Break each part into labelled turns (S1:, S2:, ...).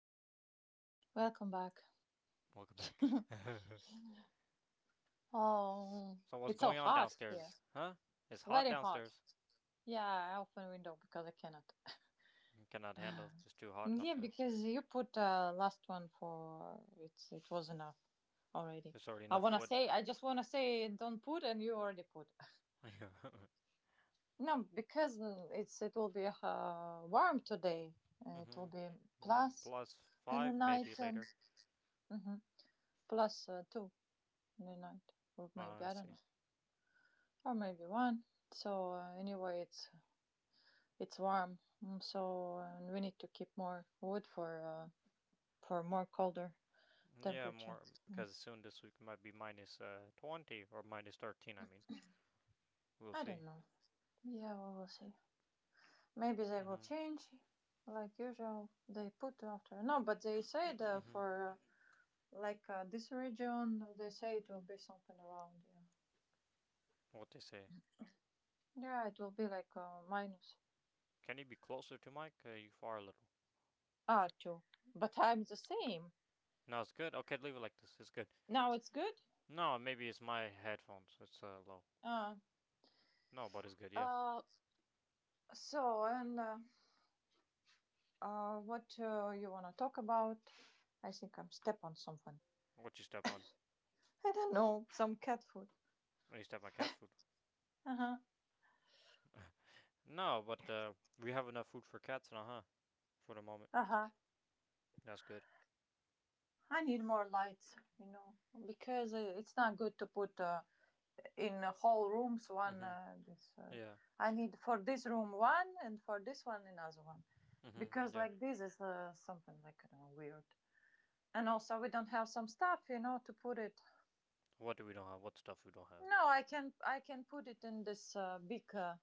S1: Yulia.
S2: Welcome back.
S1: Welcome back.
S2: Oh,
S1: What's
S2: it's so
S1: going on
S2: hot here.
S1: downstairs? Huh? It's hot
S2: Very hot.
S1: downstairs.
S2: Yeah, I open window because I cannot.
S1: I cannot handle. It's too hot
S2: Yeah,
S1: outside.
S2: because you put last one for it was enough already.
S1: There's already
S2: I
S1: enough
S2: wanna
S1: wood.
S2: say, I just wanna say don't put and you already put.
S1: Mhm.
S2: No, because it will be warm today. It will be
S1: Mm,
S2: plus
S1: plus
S2: in the
S1: five, maybe
S2: night and
S1: later.
S2: hmm plus two in the night, or maybe
S1: I
S2: I don't
S1: see.
S2: know, or maybe one. So anyway, it's warm, so and we need to keep more wood for more colder
S1: Yeah,
S2: temperature.
S1: more
S2: Mm.
S1: because soon this week might be minus 20 or minus 13, I mean. We'll
S2: I don't
S1: see.
S2: know. Yeah, we will see. Maybe they will
S1: Hmm.
S2: change, like usual. They put after no, but they said
S1: Hmm.
S2: for like this region, they say it will be something around. Yeah,
S1: What they say?
S2: yeah, it will be like minus
S1: Can you be closer to Mike? You far a little.
S2: two. But I'm the same
S1: No, it's good. Okay, leave it like this. It's good.
S2: now. It's good.
S1: No, maybe it's my headphones. It's low.
S2: Uh,
S1: No, but it's good. Yeah.
S2: uh so and what you wanna talk about? I think I'm step on something.
S1: What you step on?
S2: I don't know, some cat food.
S1: When you step on cat food?
S2: Uh huh.
S1: No, but we have enough food for cats now, huh? For the moment.
S2: Uh huh.
S1: That's good.
S2: I need more lights, you know, because it's not good to put in whole rooms one.
S1: Mhm.
S2: This
S1: Yeah.
S2: I need for this room one, and for this one another one,
S1: Mhm.
S2: because
S1: Yeah.
S2: like this is something like I don't know weird. And also we don't have some stuff, you know, to put it.
S1: What do we don't have? What stuff we don't have?
S2: No, I can put it in this big uh,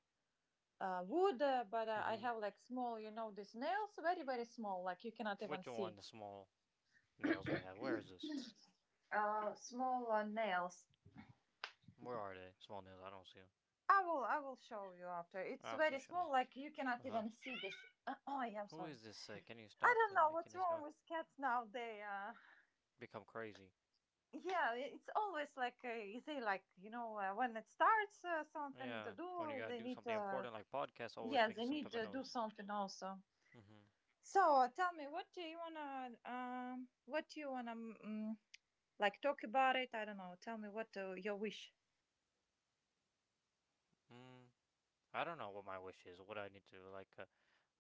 S2: uh, wood, but I
S1: Mhm.
S2: have like small, you know, these nails, very very small, like you cannot even
S1: Which one?
S2: see
S1: The small nails we have. Where is this?
S2: small nails.
S1: Where are they? Small nails. I don't see them.
S2: I will show you after. It's very
S1: After show
S2: small,
S1: me.
S2: like you cannot
S1: Uh huh.
S2: even see this. Oh, yeah, I'm
S1: Who
S2: sorry.
S1: is this? Can you
S2: I
S1: stop
S2: don't know
S1: making
S2: what's
S1: this
S2: wrong
S1: noise?
S2: with cats now. They
S1: Become crazy.
S2: yeah, it's always like easy, like you know, when it starts something to
S1: Yeah. When you
S2: do,
S1: gotta
S2: they
S1: do
S2: need
S1: something important like podcast,
S2: yeah,
S1: always making
S2: they
S1: some
S2: need
S1: type of
S2: to do
S1: noise.
S2: something also.
S1: Mm-hmm.
S2: So tell me, what do you wanna what do you wanna like talk about it? I don't know. Tell me what your wish.
S1: Mm, I don't know what my wish is. What I need to like.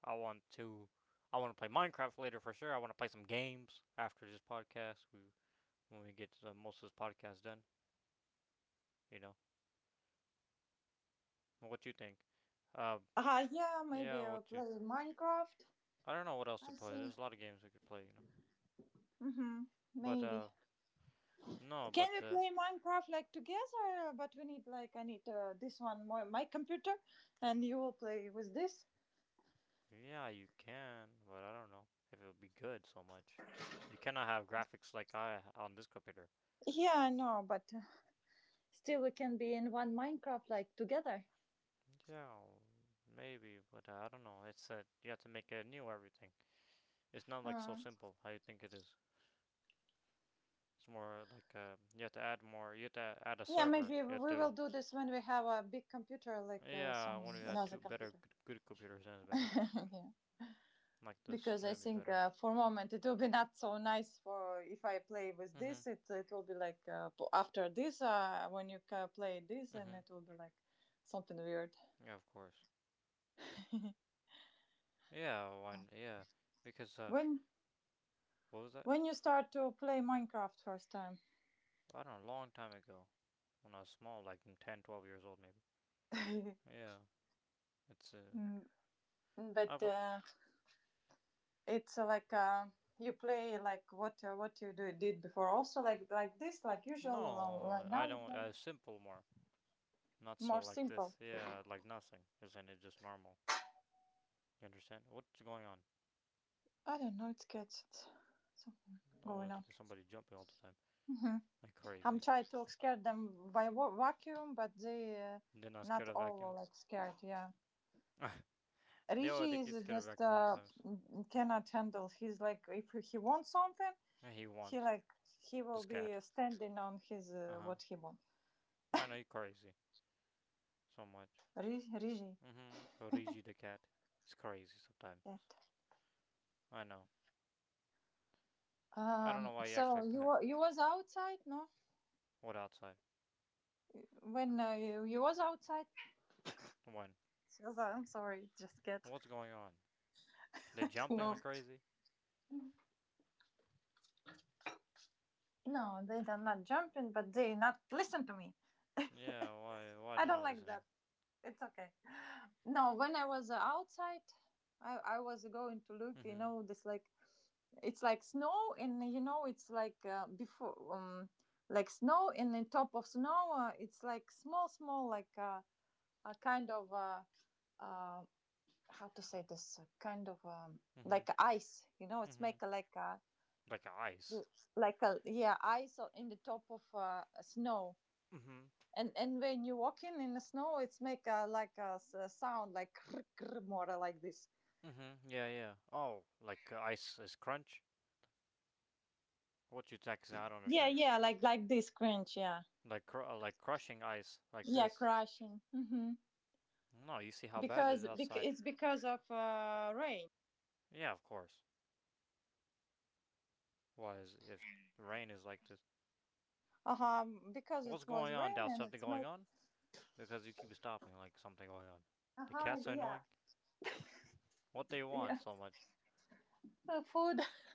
S1: I want to. I want to play Minecraft later for sure. I want to play some games after this podcast. We when we get most of this podcast done. You know. What you think? Um.
S2: Yeah,
S1: Yeah.
S2: maybe I'll
S1: What you?
S2: play Minecraft.
S1: I don't know what else to
S2: I
S1: play.
S2: think.
S1: There's a lot of games we could play. You know.
S2: Mm-hmm.
S1: But
S2: Maybe.
S1: uh. No.
S2: Can
S1: But
S2: we
S1: uh.
S2: play Minecraft like together? But we need like I need this one more my computer, and you will play with this.
S1: Yeah. You can. But I don't know if it would be good so much. You cannot have graphics like I on this computer.
S2: Yeah, I know, but still, we can be in one Minecraft like together.
S1: Yeah, maybe, but I don't know. It's you have to make it new everything. It's not like so
S2: uh,
S1: simple how you think it is. It's more like you have to add more. You have to add a
S2: yeah,
S1: server.
S2: maybe
S1: You have
S2: we will
S1: to.
S2: do this when we have a big computer, like
S1: Yeah,
S2: some
S1: when we had
S2: another
S1: two better
S2: computer.
S1: good, good computers, then it's better.
S2: Yeah,
S1: Like this,
S2: because I
S1: that'd be
S2: think
S1: better.
S2: for a moment it will be not so nice for if I play with
S1: Mhm.
S2: this, it will be like after this when you ca play this and
S1: Mhm.
S2: it will be like something weird
S1: Yeah, of course. Yeah, one. Yeah, because
S2: when
S1: what was that?
S2: when you start to play Minecraft first time.
S1: I don't know. Long time ago, when I was small, like 10, 12 years old, maybe. Yeah, it's
S2: Mm,
S1: I,
S2: but
S1: bu-
S2: it's like you play like what did before also like this, like usual, right
S1: no, I
S2: now you
S1: don't.
S2: play
S1: Simple more. Not
S2: more
S1: so like this.
S2: simple.
S1: Yeah, like nothing. You're saying it's just normal. You understand? What's going on?
S2: I don't know, it gets something going
S1: Always
S2: on.
S1: somebody jumping all the time.
S2: hmm
S1: Like
S2: I'm
S1: crazy.
S2: trying to scare them by vacuum, but they
S1: They're not
S2: not
S1: scared of
S2: all are,
S1: vacuum.
S2: like scared. Yeah,
S1: they always
S2: Rigi
S1: they
S2: is
S1: get scared of
S2: just
S1: vacuum sometimes.
S2: cannot handle. He's like if he wants something,
S1: And he
S2: he
S1: wants.
S2: like he will
S1: This cat.
S2: be standing on his
S1: Uh huh.
S2: what he wants.
S1: I know he's crazy. So much.
S2: Rigi.
S1: Mm hmm. Origi the cat. He's crazy sometimes.
S2: Yeah.
S1: I know. I don't know why he
S2: So
S1: acts like that.
S2: you was outside, no?
S1: What outside?
S2: When you was outside?
S1: When?
S2: Yes, I'm sorry. Just get
S1: What's going on? They're jumping
S2: no.
S1: like crazy?
S2: No, they are not jumping, but they not listen to me.
S1: Yeah, why
S2: I
S1: they're
S2: don't
S1: not
S2: like
S1: listening?
S2: that. It's okay. No, when I was outside, I was going to look. You
S1: Mm-hmm.
S2: know, this like it's like snow, and you know, it's like before, like snow, and on top of snow, it's like small, small, like a kind of uh, how to say this, kind of
S1: Mm-hmm.
S2: like ice. You know, it's
S1: Mm-hmm.
S2: make a, like a,
S1: Like ice.
S2: yeah, ice in the top of snow.
S1: Mm-hmm.
S2: And when you walk in the snow, it's make a, like a, a sound like more like this.
S1: Mm-hmm. Yeah, yeah. Oh, like ice is crunch? What you texting? I don't
S2: Yeah,
S1: understand.
S2: yeah, like this cringe, yeah,
S1: Like cr- like crushing ice like
S2: yeah,
S1: this.
S2: crashing.
S1: No, you see how bad it is
S2: Because
S1: outside.
S2: it's because of rain.
S1: Yeah, of course. Why is if the rain is like this?
S2: Uh huh. Because it
S1: What's
S2: was
S1: going on,
S2: rain
S1: Dal?
S2: and
S1: Something
S2: it's
S1: going
S2: make.
S1: on? Because you keep stopping like something going on.
S2: Uh
S1: The
S2: huh.
S1: cats are
S2: Yeah.
S1: annoying. What they
S2: Yeah.
S1: want so much?
S2: Food.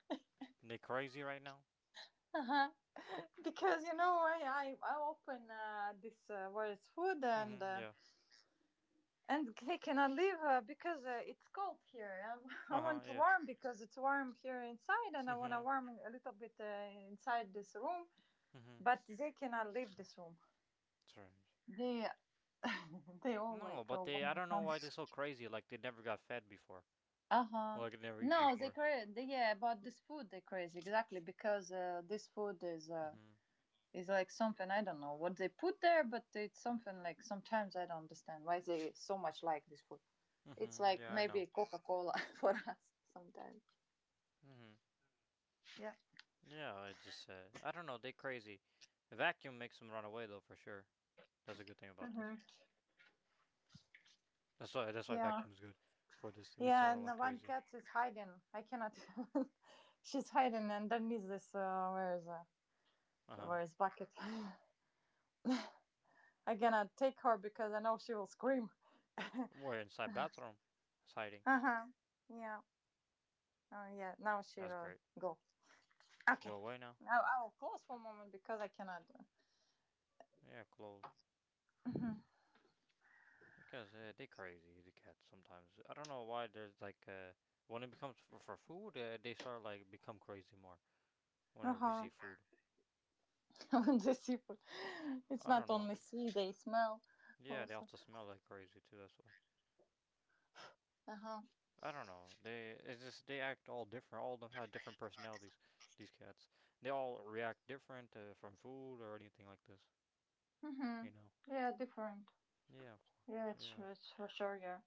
S1: They crazy right now?
S2: Uh huh. Because you know I open this where it's food,
S1: Mm-hmm. Yeah.
S2: and they cannot leave because it's cold here. I
S1: Uh-huh.
S2: want to
S1: Yeah.
S2: warm because it's warm here inside, and I want
S1: Mm-hmm.
S2: to warm a little bit inside this room,
S1: Mm-hmm.
S2: but they cannot leave this room.
S1: Strange.
S2: They They all
S1: No,
S2: like
S1: but
S2: go
S1: they.
S2: when
S1: I
S2: I
S1: don't know
S2: come.
S1: why they're so crazy. Like they never got fed before.
S2: Uh-huh.
S1: Like they never eat
S2: No, they
S1: before.
S2: crazy. Yeah, about this food they crazy exactly because this food
S1: Mm-hmm.
S2: is like something, I don't know what they put there, but it's something like sometimes I don't understand why they so much like this food. It's
S1: Mm-hmm.
S2: like
S1: Yeah, I
S2: maybe
S1: know.
S2: Coca Cola for us sometimes.
S1: Mm-hmm.
S2: Yeah.
S1: Yeah, I just I don't know. They crazy. A vacuum makes them run away though, for sure. That's a good thing about this. That's why
S2: Yeah.
S1: vacuum is good for this. It makes them
S2: Yeah,
S1: run
S2: and
S1: like
S2: the one
S1: crazy.
S2: cat is hiding. I cannot. She's hiding underneath this.
S1: Uh huh.
S2: Where is bucket? I cannot take her because I know she will scream.
S1: We're inside bathroom, it's hiding.
S2: Uh huh. Yeah. Oh yeah. Now she
S1: That's
S2: will
S1: great.
S2: go. Okay.
S1: Go away now.
S2: Now I will close for a moment because I cannot.
S1: Yeah, close.
S2: Uh
S1: Because they crazy. The cats sometimes. I don't know why. There's like when it becomes for food, they start like become crazy more whenever they
S2: huh.
S1: see food.
S2: When the seafood, it's
S1: I
S2: not
S1: don't know.
S2: only sea; they smell
S1: Yeah, they
S2: also.
S1: also smell like crazy too. That's why.
S2: Uh huh.
S1: I don't know. They it's just they act all different. All of them have different personalities. These cats. They all react different from food or anything like this. You know.
S2: Mm-hmm. Yeah, different.
S1: Yeah.
S2: Yeah, it's
S1: Yeah.
S2: true, it's for sure. Yeah.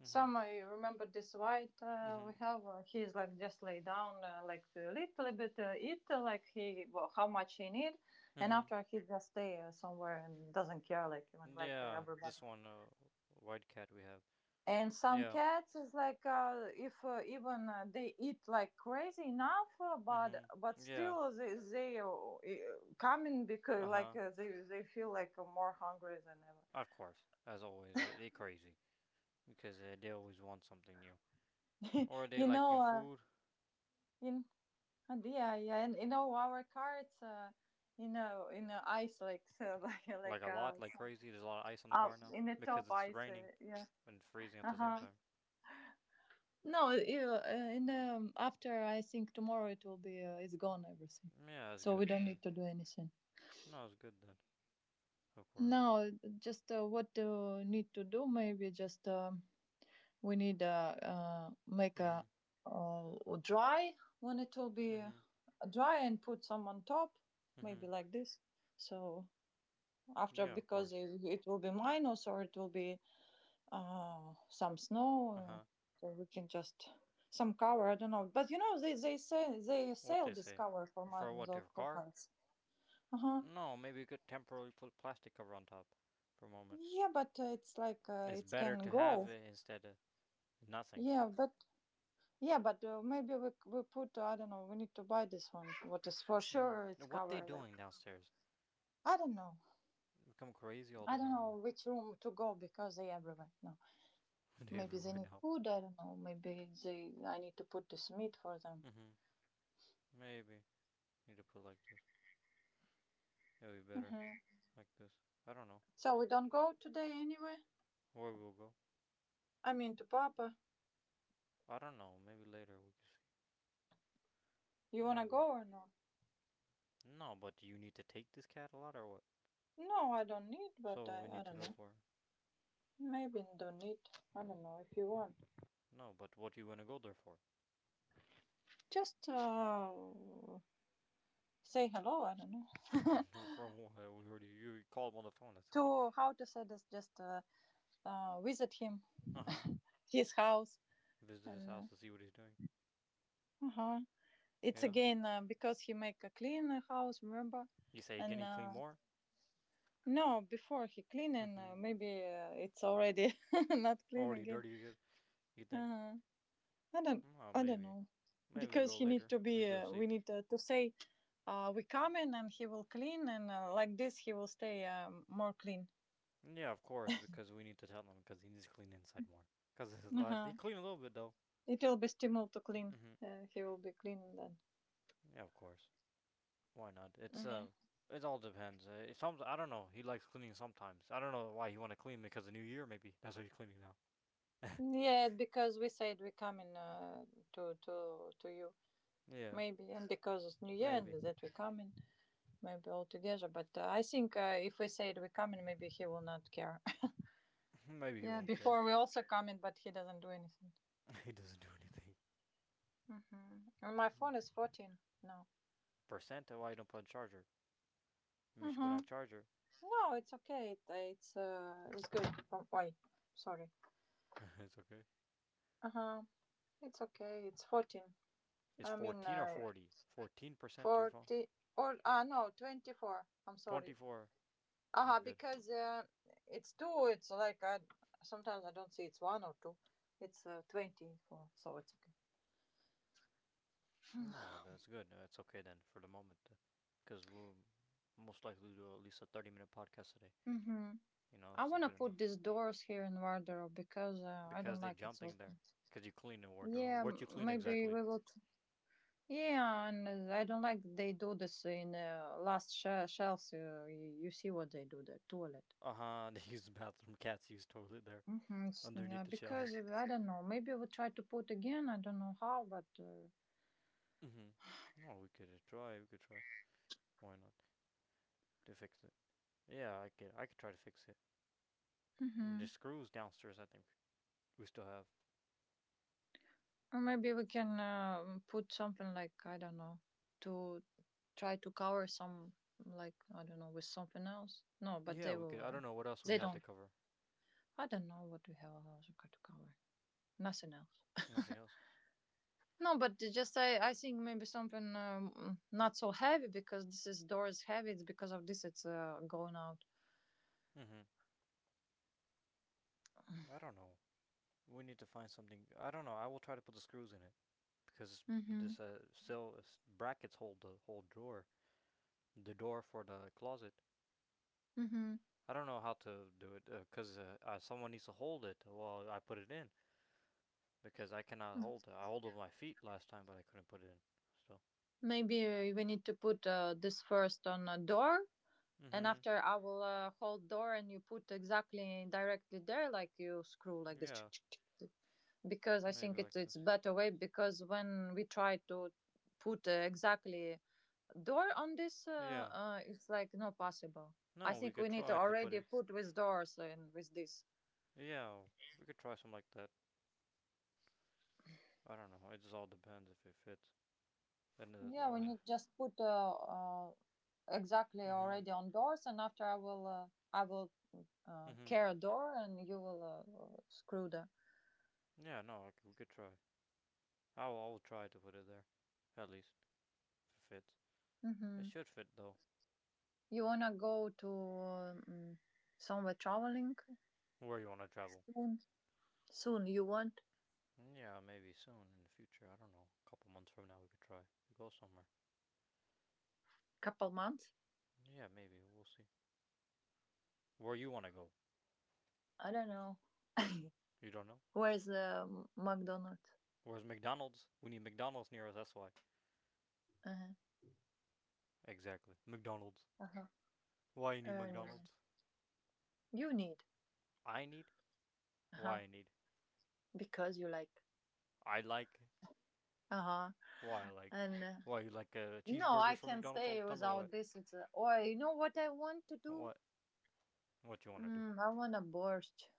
S1: Mhm.
S2: Some, I remember this white we
S1: Mhm.
S2: have. He's like just lay down, like a little bit eat, like he, well, how much he need, and
S1: Mhm.
S2: after he just stay somewhere and doesn't care, like even like
S1: Yeah.
S2: everybody.
S1: This one, white cat we have.
S2: And some
S1: Yeah.
S2: cats is like if even they eat like crazy enough, but
S1: Mhm. Yeah.
S2: still coming because
S1: Uh
S2: like
S1: huh.
S2: they feel like more hungry than
S1: Of course. As always, they crazy because they always want something new,
S2: ever.
S1: or they
S2: You
S1: like new
S2: know,
S1: food,
S2: in yeah, yeah, and you know our cards, you know in ice like so,
S1: like
S2: like
S1: a lot, like
S2: some-
S1: crazy. There's a lot of ice on the
S2: up
S1: car now
S2: in the
S1: because
S2: top
S1: it's
S2: ice,
S1: raining
S2: yeah,
S1: and freezing at
S2: uh
S1: the same
S2: huh.
S1: time.
S2: No, in after I think tomorrow it will be it's gone everything,
S1: Yeah, that's
S2: so
S1: good.
S2: we don't
S1: Maybe.
S2: need to do anything.
S1: No, it's good then. Of course.
S2: No, just what do need to do maybe just we need make a
S1: Mm-hmm.
S2: dry when it will be
S1: Mm-hmm.
S2: dry and put some on top
S1: Mm-hmm.
S2: maybe like this. So after
S1: Yeah, of
S2: because
S1: course.
S2: it will be minus or so, it will be some snow,
S1: Uh huh.
S2: so we can just some cover. I don't know, but you know they say they
S1: What
S2: sell
S1: they
S2: this
S1: say?
S2: cover for my
S1: For what
S2: the
S1: your
S2: for
S1: car?
S2: cars. Uh huh.
S1: No, maybe you could temporarily put plastic cover on top, for a moment.
S2: Yeah, but it's like
S1: It's
S2: it
S1: better
S2: can
S1: to have
S2: go.
S1: it instead of nothing.
S2: Yeah, but yeah, but maybe we put I don't know. We need to buy this one. What is for sure?
S1: Mm-hmm.
S2: It's
S1: What they
S2: cover like.
S1: doing downstairs?
S2: I don't know.
S1: They become crazy all
S2: I
S1: the
S2: don't know
S1: time.
S2: which room to go because they everywhere. No,
S1: they
S2: maybe they
S1: everywhere
S2: need
S1: now.
S2: food. I don't know. Maybe they. I need to put this meat for them.
S1: Mm-hmm. Maybe need to put like this. It'll be better
S2: hmm
S1: like this. I don't know
S2: So we don't go today anyway.
S1: where we'll go.
S2: I mean to Papa.
S1: I don't know. Maybe later we can see.
S2: You wanna
S1: Maybe.
S2: go or not?
S1: No, but do you need to take this cat a lot or what?
S2: No, I don't need, but
S1: So what we
S2: I
S1: need to
S2: don't
S1: go
S2: know.
S1: for?
S2: Maybe don't need. I don't know if you want.
S1: No, but what you wanna go there for?
S2: Just say hello. I don't know.
S1: for what? We already you called him on the phone. That's it.
S2: To how to say this? Just visit him,
S1: Uh huh.
S2: his house,
S1: Visit his house
S2: and
S1: to see what he's doing.
S2: uh huh. It's
S1: Yeah.
S2: again because he make a clean house. Remember,
S1: You say again
S2: and
S1: he clean more?
S2: no, before he clean and
S1: Mm-hmm.
S2: maybe it's already not clean
S1: Already
S2: again.
S1: dirty again. You think?
S2: Uh-huh. I don't,
S1: Mm, oh,
S2: I don't
S1: maybe.
S2: know,
S1: Maybe we
S2: because
S1: go
S2: he need
S1: later.
S2: to
S1: We
S2: be.
S1: go see.
S2: We need to say, we come in and he will clean, and like this he will stay more clean.
S1: Yeah, of course, because we need to tell him because he needs to clean inside more. Cause his
S2: Uh
S1: last he
S2: huh.
S1: cleaned a little bit though.
S2: It will be stimulus to clean.
S1: Mm-hmm.
S2: He will be clean then.
S1: Yeah, of course. Why not? It's
S2: Yeah.
S1: it all depends. It some I don't know. He likes cleaning sometimes. I don't know why he want to clean because the new year maybe. That's why he's cleaning now.
S2: Yeah, because we said we come in to you
S1: Yeah,
S2: maybe, and because it's New Year and
S1: maybe.
S2: with that we come in maybe all together. But I think if we said we come in, maybe he will not care.
S1: maybe he
S2: Yeah.
S1: won't care.
S2: Before we also come in, but he doesn't do anything.
S1: he doesn't do anything.
S2: Mm-hmm. And my phone is 14 now.
S1: Percent? Why you don't put on charger? Maybe you should put
S2: Mm-hmm.
S1: on charger.
S2: No, it's okay. It's good. Oh, why? Sorry.
S1: it's okay.
S2: Uh huh. It's okay. It's 14.
S1: Is
S2: I mean,
S1: 14 or 40? 14% to your phone?
S2: 40 or no, 24. I'm sorry.
S1: 24.
S2: Uh
S1: That's
S2: huh.
S1: good.
S2: Because it's two. It's like I sometimes I don't see it's one or two. It's 24. So it's okay.
S1: No, that's good. That's okay then for the moment. Because we'll most likely do at least a 30-minute podcast today.
S2: Mm-hmm.
S1: You know,
S2: I
S1: it's
S2: wanna
S1: good enough.
S2: put these doors here in wardrobe because I don't
S1: Because they are
S2: like it's
S1: jumping there.
S2: open.
S1: Because you clean the wardrobe. Huh?
S2: Yeah,
S1: What you clean
S2: maybe
S1: exactly?
S2: we will yeah, and I don't like they do this in last shelves. You see what they do the toilet.
S1: Uh huh. They use the bathroom. Cats use toilet there.
S2: Mm-hmm. It's, yeah,
S1: Underneath the
S2: because
S1: shelves.
S2: I don't know. Maybe we try to put again. I don't know how, but
S1: Mm hmm. No, we could try. We could try. Why not? To fix it. Yeah, I could. I could try to fix it. I mean, the
S2: hmm
S1: screws downstairs. I think we still have.
S2: or maybe we can put something like I don't know to try to cover some, like I don't know, with something else. No, but
S1: Yeah,
S2: they
S1: we
S2: will.
S1: could. I
S2: Uh,
S1: don't know what else we
S2: they
S1: have to
S2: don't.
S1: cover.
S2: I don't know what we have else we got to cover. Nothing else.
S1: Nothing else.
S2: No, but just I think maybe something, not so heavy because this is door is heavy. It's because of this it's going out.
S1: Mm-hmm. I don't know. We need to find something. I don't know. I will try to put the screws in it because
S2: Mhm.
S1: this cell brackets hold the whole drawer, the door for the closet.
S2: Mhm.
S1: I don't know how to do it because someone needs to hold it while I put it in because I cannot hold it. I hold it with my feet last time, but I couldn't put it in. So.
S2: Maybe we need to put this first on a door, and
S1: Mm-hmm.
S2: after I will hold door, and you put exactly directly there, like you screw like this. Chick,
S1: Yeah.
S2: chick, chick. Because I
S1: Maybe
S2: think it,
S1: like this.
S2: it's better way because when we try to put exactly door on this,
S1: Yeah.
S2: it's like not possible. I
S1: No, we
S2: think
S1: could
S2: we need to
S1: try to put
S2: already
S1: it.
S2: put with doors and with this.
S1: Yeah, we could try something like that. I don't know. It just all depends if it fits. And it,
S2: Yeah, we need just put exactly
S1: mhm,
S2: already on doors, and after I will
S1: mhm.
S2: care a door, and you will screw the.
S1: Yeah, no, I c we could try. I'll try to put it there, at least if it fits. It
S2: Hmm.
S1: should fit though.
S2: You wanna go to somewhere traveling
S1: Where you want to travel?
S2: soon? Soon you want
S1: Yeah, maybe soon in the future. I don't know. A couple months from now, we could try to go somewhere.
S2: couple months?
S1: Yeah, maybe we'll see. Where you want to go?
S2: I don't know.
S1: You don't know.
S2: Where's the McDonald's?
S1: Where's McDonald's? We need McDonald's near us. That's why.
S2: Uh-huh.
S1: Exactly. McDonald's.
S2: Uh-huh.
S1: Why you need
S2: And
S1: McDonald's?
S2: you need.
S1: I need. Why
S2: Uh-huh.
S1: I need.
S2: Because you like.
S1: I
S2: Uh-huh.
S1: like
S2: And
S1: why you like
S2: No, I
S1: cheeseburgers from
S2: can
S1: McDonald's all the
S2: stay
S1: time or
S2: without
S1: what?
S2: this. It's a, or you know what I want to do?
S1: What what you want to do?
S2: I want a borscht.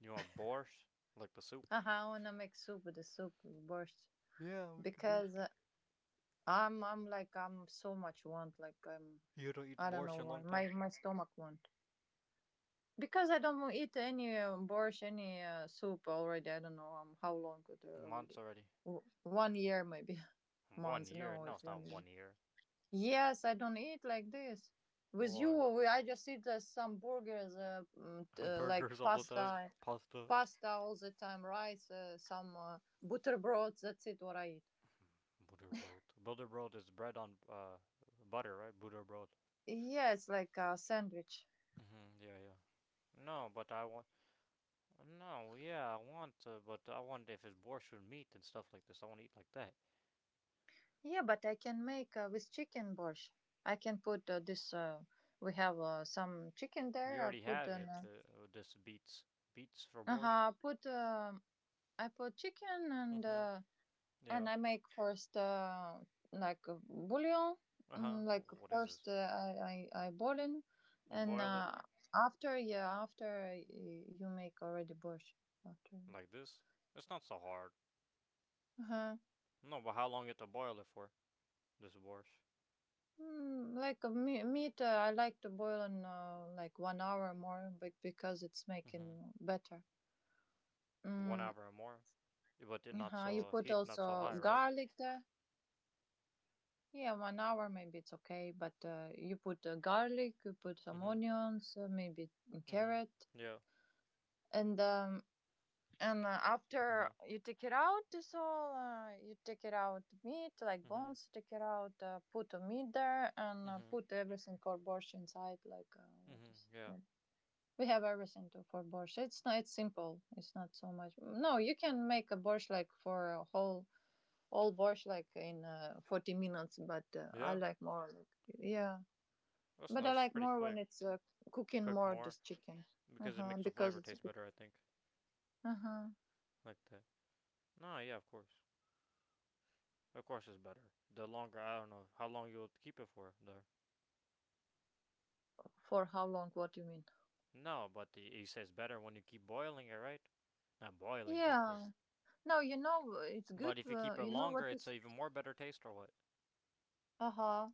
S1: You want borscht like the soup?
S2: Uh-huh, I want to make soup with the soup with borscht
S1: Yeah, we can
S2: because uh,
S1: make.
S2: I'm I'm like I'm so much want like I'm,
S1: You don't eat
S2: I don't know
S1: borscht in a
S2: why
S1: long
S2: my
S1: time?
S2: my stomach want because I don't eat any borscht, any soup already. I don't know how long it
S1: Months
S2: already.
S1: already.
S2: 1 year maybe,
S1: One
S2: months.
S1: year?
S2: No,
S1: No,
S2: it's
S1: it's
S2: one
S1: not
S2: year.
S1: 1 year.
S2: Yes, I don't eat like this. With you,
S1: Why?
S2: we, I just eat some burgers, like
S1: Burgers all the time.
S2: pasta,
S1: Pasta.
S2: pasta all the time, rice, some butterbrods. That's it. What I eat.
S1: Butterbrot. Butterbrot is bread on butter, right? Butterbrot.
S2: Yes, like a sandwich.
S1: Mhm. Yeah, yeah. No, but I want. No, yeah, I want. But I want if it's borscht with meat and stuff like this. I want to eat like that.
S2: Yeah, but I can make with chicken borscht. I can put this. We have some chicken
S1: We
S2: there. I
S1: already
S2: put
S1: have it.
S2: an,
S1: This beets. Beets for
S2: uh
S1: borscht?
S2: huh. Put I put chicken and
S1: Mm-hmm.
S2: and
S1: Yeah.
S2: I make first like a bouillon,
S1: Uh huh.
S2: like
S1: What is
S2: first,
S1: this?
S2: I boil in,
S1: You
S2: and
S1: boil it
S2: after, yeah, after you make already borscht after.
S1: like this? It's not so hard.
S2: Uh-huh.
S1: No, but how long you have to boil it for? This borscht.
S2: Like a meat, I like to boil in like 1 hour more, but because it's
S1: Mm-hmm.
S2: making better.
S1: One
S2: Mm,
S1: hour or more? But it not
S2: uh-huh. You
S1: so
S2: put
S1: heat, not so
S2: also
S1: high, right?
S2: garlic there. Yeah, 1 hour maybe it's okay, but you put garlic, you put some
S1: Mm-hmm.
S2: onions, maybe
S1: Mm-hmm.
S2: carrot,
S1: Yeah.
S2: and
S1: Uh
S2: after
S1: huh.
S2: you take it out this all you take it out meat like
S1: Mm-hmm.
S2: bones, take it out put the meat there and
S1: Mm-hmm.
S2: put everything for borscht inside, like what
S1: Mm-hmm.
S2: is
S1: Yeah.
S2: what we have, everything to for borscht, it's not, it's simple, it's not so much. No, you can make a borscht like for a whole, all borscht like in 40 minutes, but I
S1: Yeah.
S2: like more, like, yeah,
S1: That's
S2: but I
S1: nice.
S2: like
S1: Pretty
S2: more when
S1: quick.
S2: it's cooking
S1: Cooked
S2: more
S1: more
S2: this chicken.
S1: because it
S2: Uh-huh,
S1: makes the
S2: because
S1: flavor
S2: it's,
S1: taste better. I think
S2: uh-huh.
S1: like that. No, yeah, of course. Of course, it's better. The longer, I don't know how long you'll keep it for. There.
S2: For how long? What do you mean?
S1: No, but he says better when you keep boiling it, right? Not boiling, but it.
S2: Yeah. No, it's good.
S1: But if you keep it
S2: You know
S1: longer,
S2: what
S1: it's a
S2: is.
S1: even more better taste, or what?
S2: Uh huh.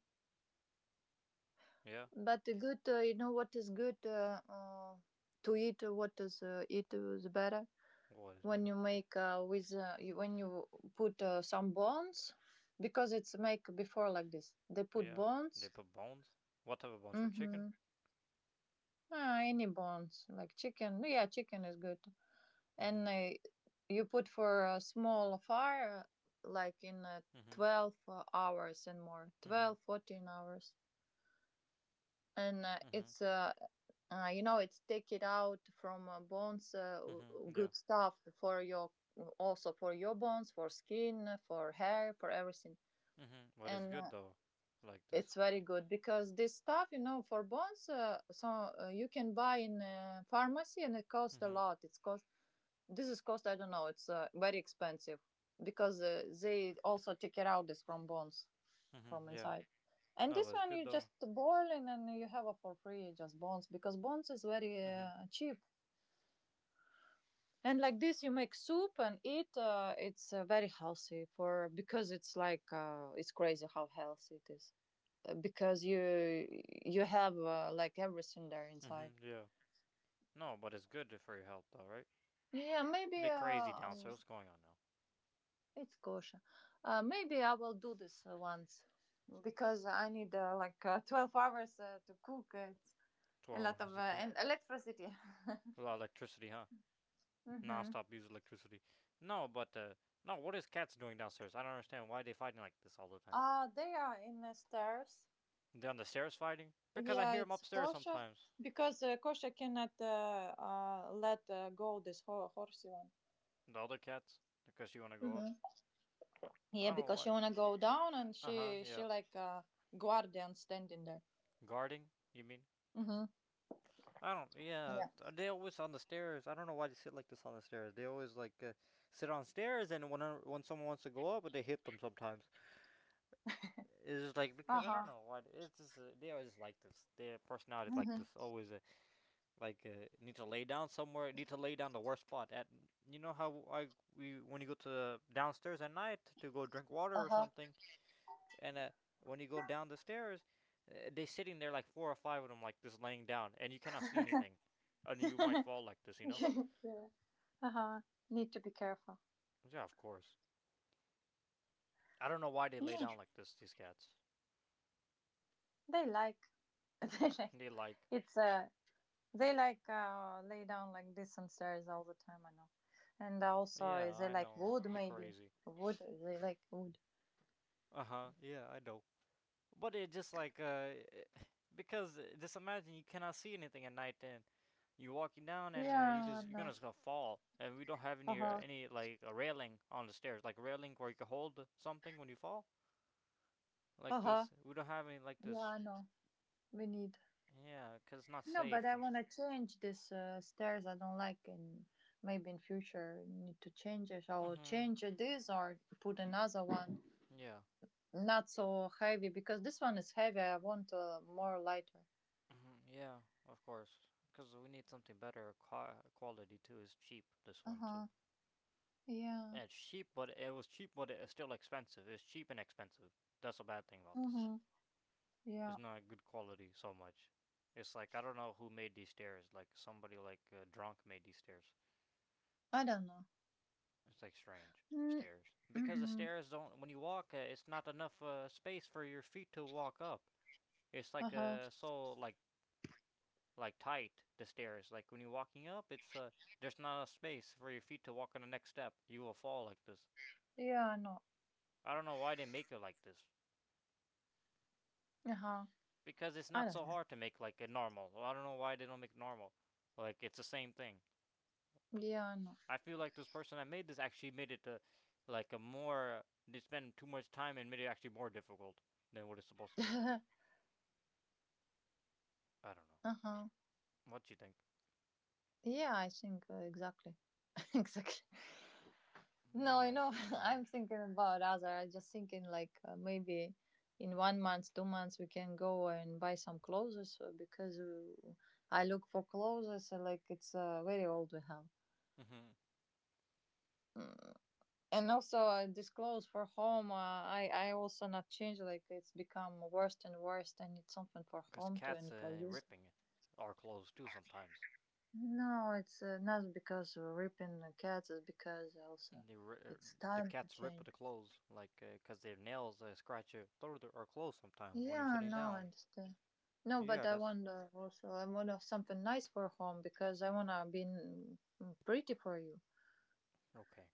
S1: Yeah.
S2: But the good, you know what is good to eat. What is eat better
S1: What is
S2: when
S1: better?
S2: you make with you, when you put some bones because it's make before like this. They put
S1: Yeah. They
S2: bones.
S1: put bones. What type of bones for chicken?
S2: Mm-hmm. Any bones like chicken. Yeah, chicken is good.
S1: Mm-hmm.
S2: And you put for a small fire like in
S1: Mm-hmm.
S2: 12 hours and more,
S1: Mm-hmm.
S2: 12-14 hours, and
S1: Mm-hmm.
S2: it's it's take it out from bones,
S1: Mm-hmm. Yeah.
S2: good stuff for your, also for your bones, for skin, for hair, for everything.
S1: Mm-hmm. What it's
S2: And
S1: good though? Like
S2: it's
S1: this.
S2: very good because this stuff, for bones, so you can buy in a pharmacy and it costs a
S1: Mm-hmm.
S2: lot, it's cost. This is cost, I don't know, it's very expensive because they also take it out this from bones, from
S1: Mm-hmm. Yeah.
S2: inside. And
S1: No,
S2: this
S1: but it's
S2: one you
S1: good
S2: just
S1: though.
S2: boil and then you have it for free, just bones, because bones is very
S1: Mm-hmm.
S2: cheap. And like this, you make soup and eat. It's very healthy for because it's like it's crazy how healthy it is. Because you have like everything there inside.
S1: Mm-hmm. Yeah. No, but it's good for your health though, right?
S2: Yeah, maybe
S1: They're crazy downstairs. What's going on now?
S2: it's kosher. Maybe I will do this once. Because I need like 12 hours to cook. It's a
S1: Twelve
S2: lot of
S1: hours ago.
S2: and electricity.
S1: A Well, electricity, huh?
S2: Mm-hmm.
S1: Non-stop use electricity. No, but no. What is cats doing downstairs? I don't understand why they fighting like this all the time.
S2: They are in the stairs.
S1: They on the stairs fighting because I
S2: Yeah,
S1: hear them
S2: it's
S1: upstairs
S2: kosher
S1: sometimes.
S2: because kosher cannot let go this horsey one.
S1: The other cats because you want to go up.
S2: Hmm. Yeah,
S1: I don't know
S2: because
S1: why.
S2: she wanna go down and
S1: Uh huh.
S2: she
S1: Yeah.
S2: she like guardian standing there.
S1: Guarding? You mean?
S2: Mm-hmm.
S1: I don't. Yeah.
S2: Yeah.
S1: They always on the stairs. I don't know why they sit like this on the stairs. They always like sit on stairs, and when someone wants to go up, they hit them sometimes. It's just like
S2: Uh
S1: because I
S2: huh.
S1: don't know why. It's just they always like this. Their personality is like this. Always. Like need to lay down somewhere, need to lay down the worst spot at, you know how I, we when you go to downstairs at night to go drink water or something, and when you go down the stairs, they sitting there like four or five of them like this laying down, and you cannot see anything, and you might fall like this.
S2: Uh huh. Need to be careful.
S1: Yeah, of course. I don't know why they lay
S2: No,
S1: down like this, these cats.
S2: they like. they like
S1: They like.
S2: it's they like lay down like this on stairs all the time, I know. And also
S1: Yeah,
S2: is
S1: I know they're crazy.
S2: they like wood.
S1: Uh-huh. Yeah, I know. But it just like Because just imagine you cannot see anything at night, and you're walking down, and you
S2: Yeah,
S1: just
S2: I
S1: you're
S2: know.
S1: gonna just gonna fall. And we don't have any
S2: Uh-huh.
S1: like a railing on the stairs, like a railing where you can hold something when you fall, like
S2: Uh-huh.
S1: this. We don't have any like
S2: Yeah,
S1: this.
S2: I know. We need,
S1: Yeah, because it's not
S2: no, but
S1: safe.
S2: I want to change this stairs, I don't like, and maybe in future we need to change it, or
S1: Mhm.
S2: change this, or put another one,
S1: Yeah.
S2: not so heavy because this one is heavy. I want more lighter.
S1: Mhm. Yeah. Of course, because we need something better quality too. It's cheap. This one too.
S2: Uh-huh. Yeah.
S1: Yeah, it's cheap, but it was cheap, but it's still expensive. It's cheap and expensive. That's a bad thing about
S2: Uh
S1: this.
S2: huh.
S1: It's
S2: Yeah.
S1: not good quality so much. It's like I don't know who made these stairs. Like somebody like drunk made these stairs.
S2: I don't know.
S1: It's like strange
S2: Mm,
S1: stairs because the
S2: mm-hmm.
S1: stairs don't. When you walk, it's not enough space for your feet to walk up. It's
S2: Uh
S1: like
S2: huh.
S1: so like tight the stairs. Like when you're walking up, it's there's not enough space for your feet to walk on the next step. You will fall like this.
S2: Yeah, I know.
S1: I don't know why they make it like this
S2: Uh huh.
S1: because it's
S2: I
S1: not
S2: don't
S1: so
S2: know.
S1: hard to make like a normal. I don't know why they don't make normal. Like it's the same thing.
S2: Yeah, I know.
S1: I feel like this person that made this actually made it to, like a more they spend too much time and made it actually more difficult than what it's supposed to do. I don't know.
S2: uh huh.
S1: What do you think?
S2: Yeah, I think exactly. exactly. No,
S1: No, it's just
S2: I'm
S1: strange.
S2: thinking about other. I'm just thinking, like, maybe in 1 month, 2 months, we can go and buy some clothes because I look for clothes like it's very old we have.
S1: Mm-hmm.
S2: Mm. And also, this clothes for home, I also not change. Like it's become worse and worse. I need something for
S1: Because
S2: home to
S1: cats
S2: and for use.
S1: ripping our clothes too sometimes.
S2: No, it's not because we're ripping the cats. It's because also
S1: They ri- er,
S2: it's
S1: the
S2: time to
S1: cats rip
S2: change.
S1: the clothes, like, because 'cause their nails scratch your, through or clothes sometimes when you're
S2: Yeah,
S1: sitting
S2: no, I
S1: down.
S2: understand. No,
S1: Yeah,
S2: but I
S1: that's
S2: want also I want to something nice for home because I wanna be, pretty for you.
S1: okay.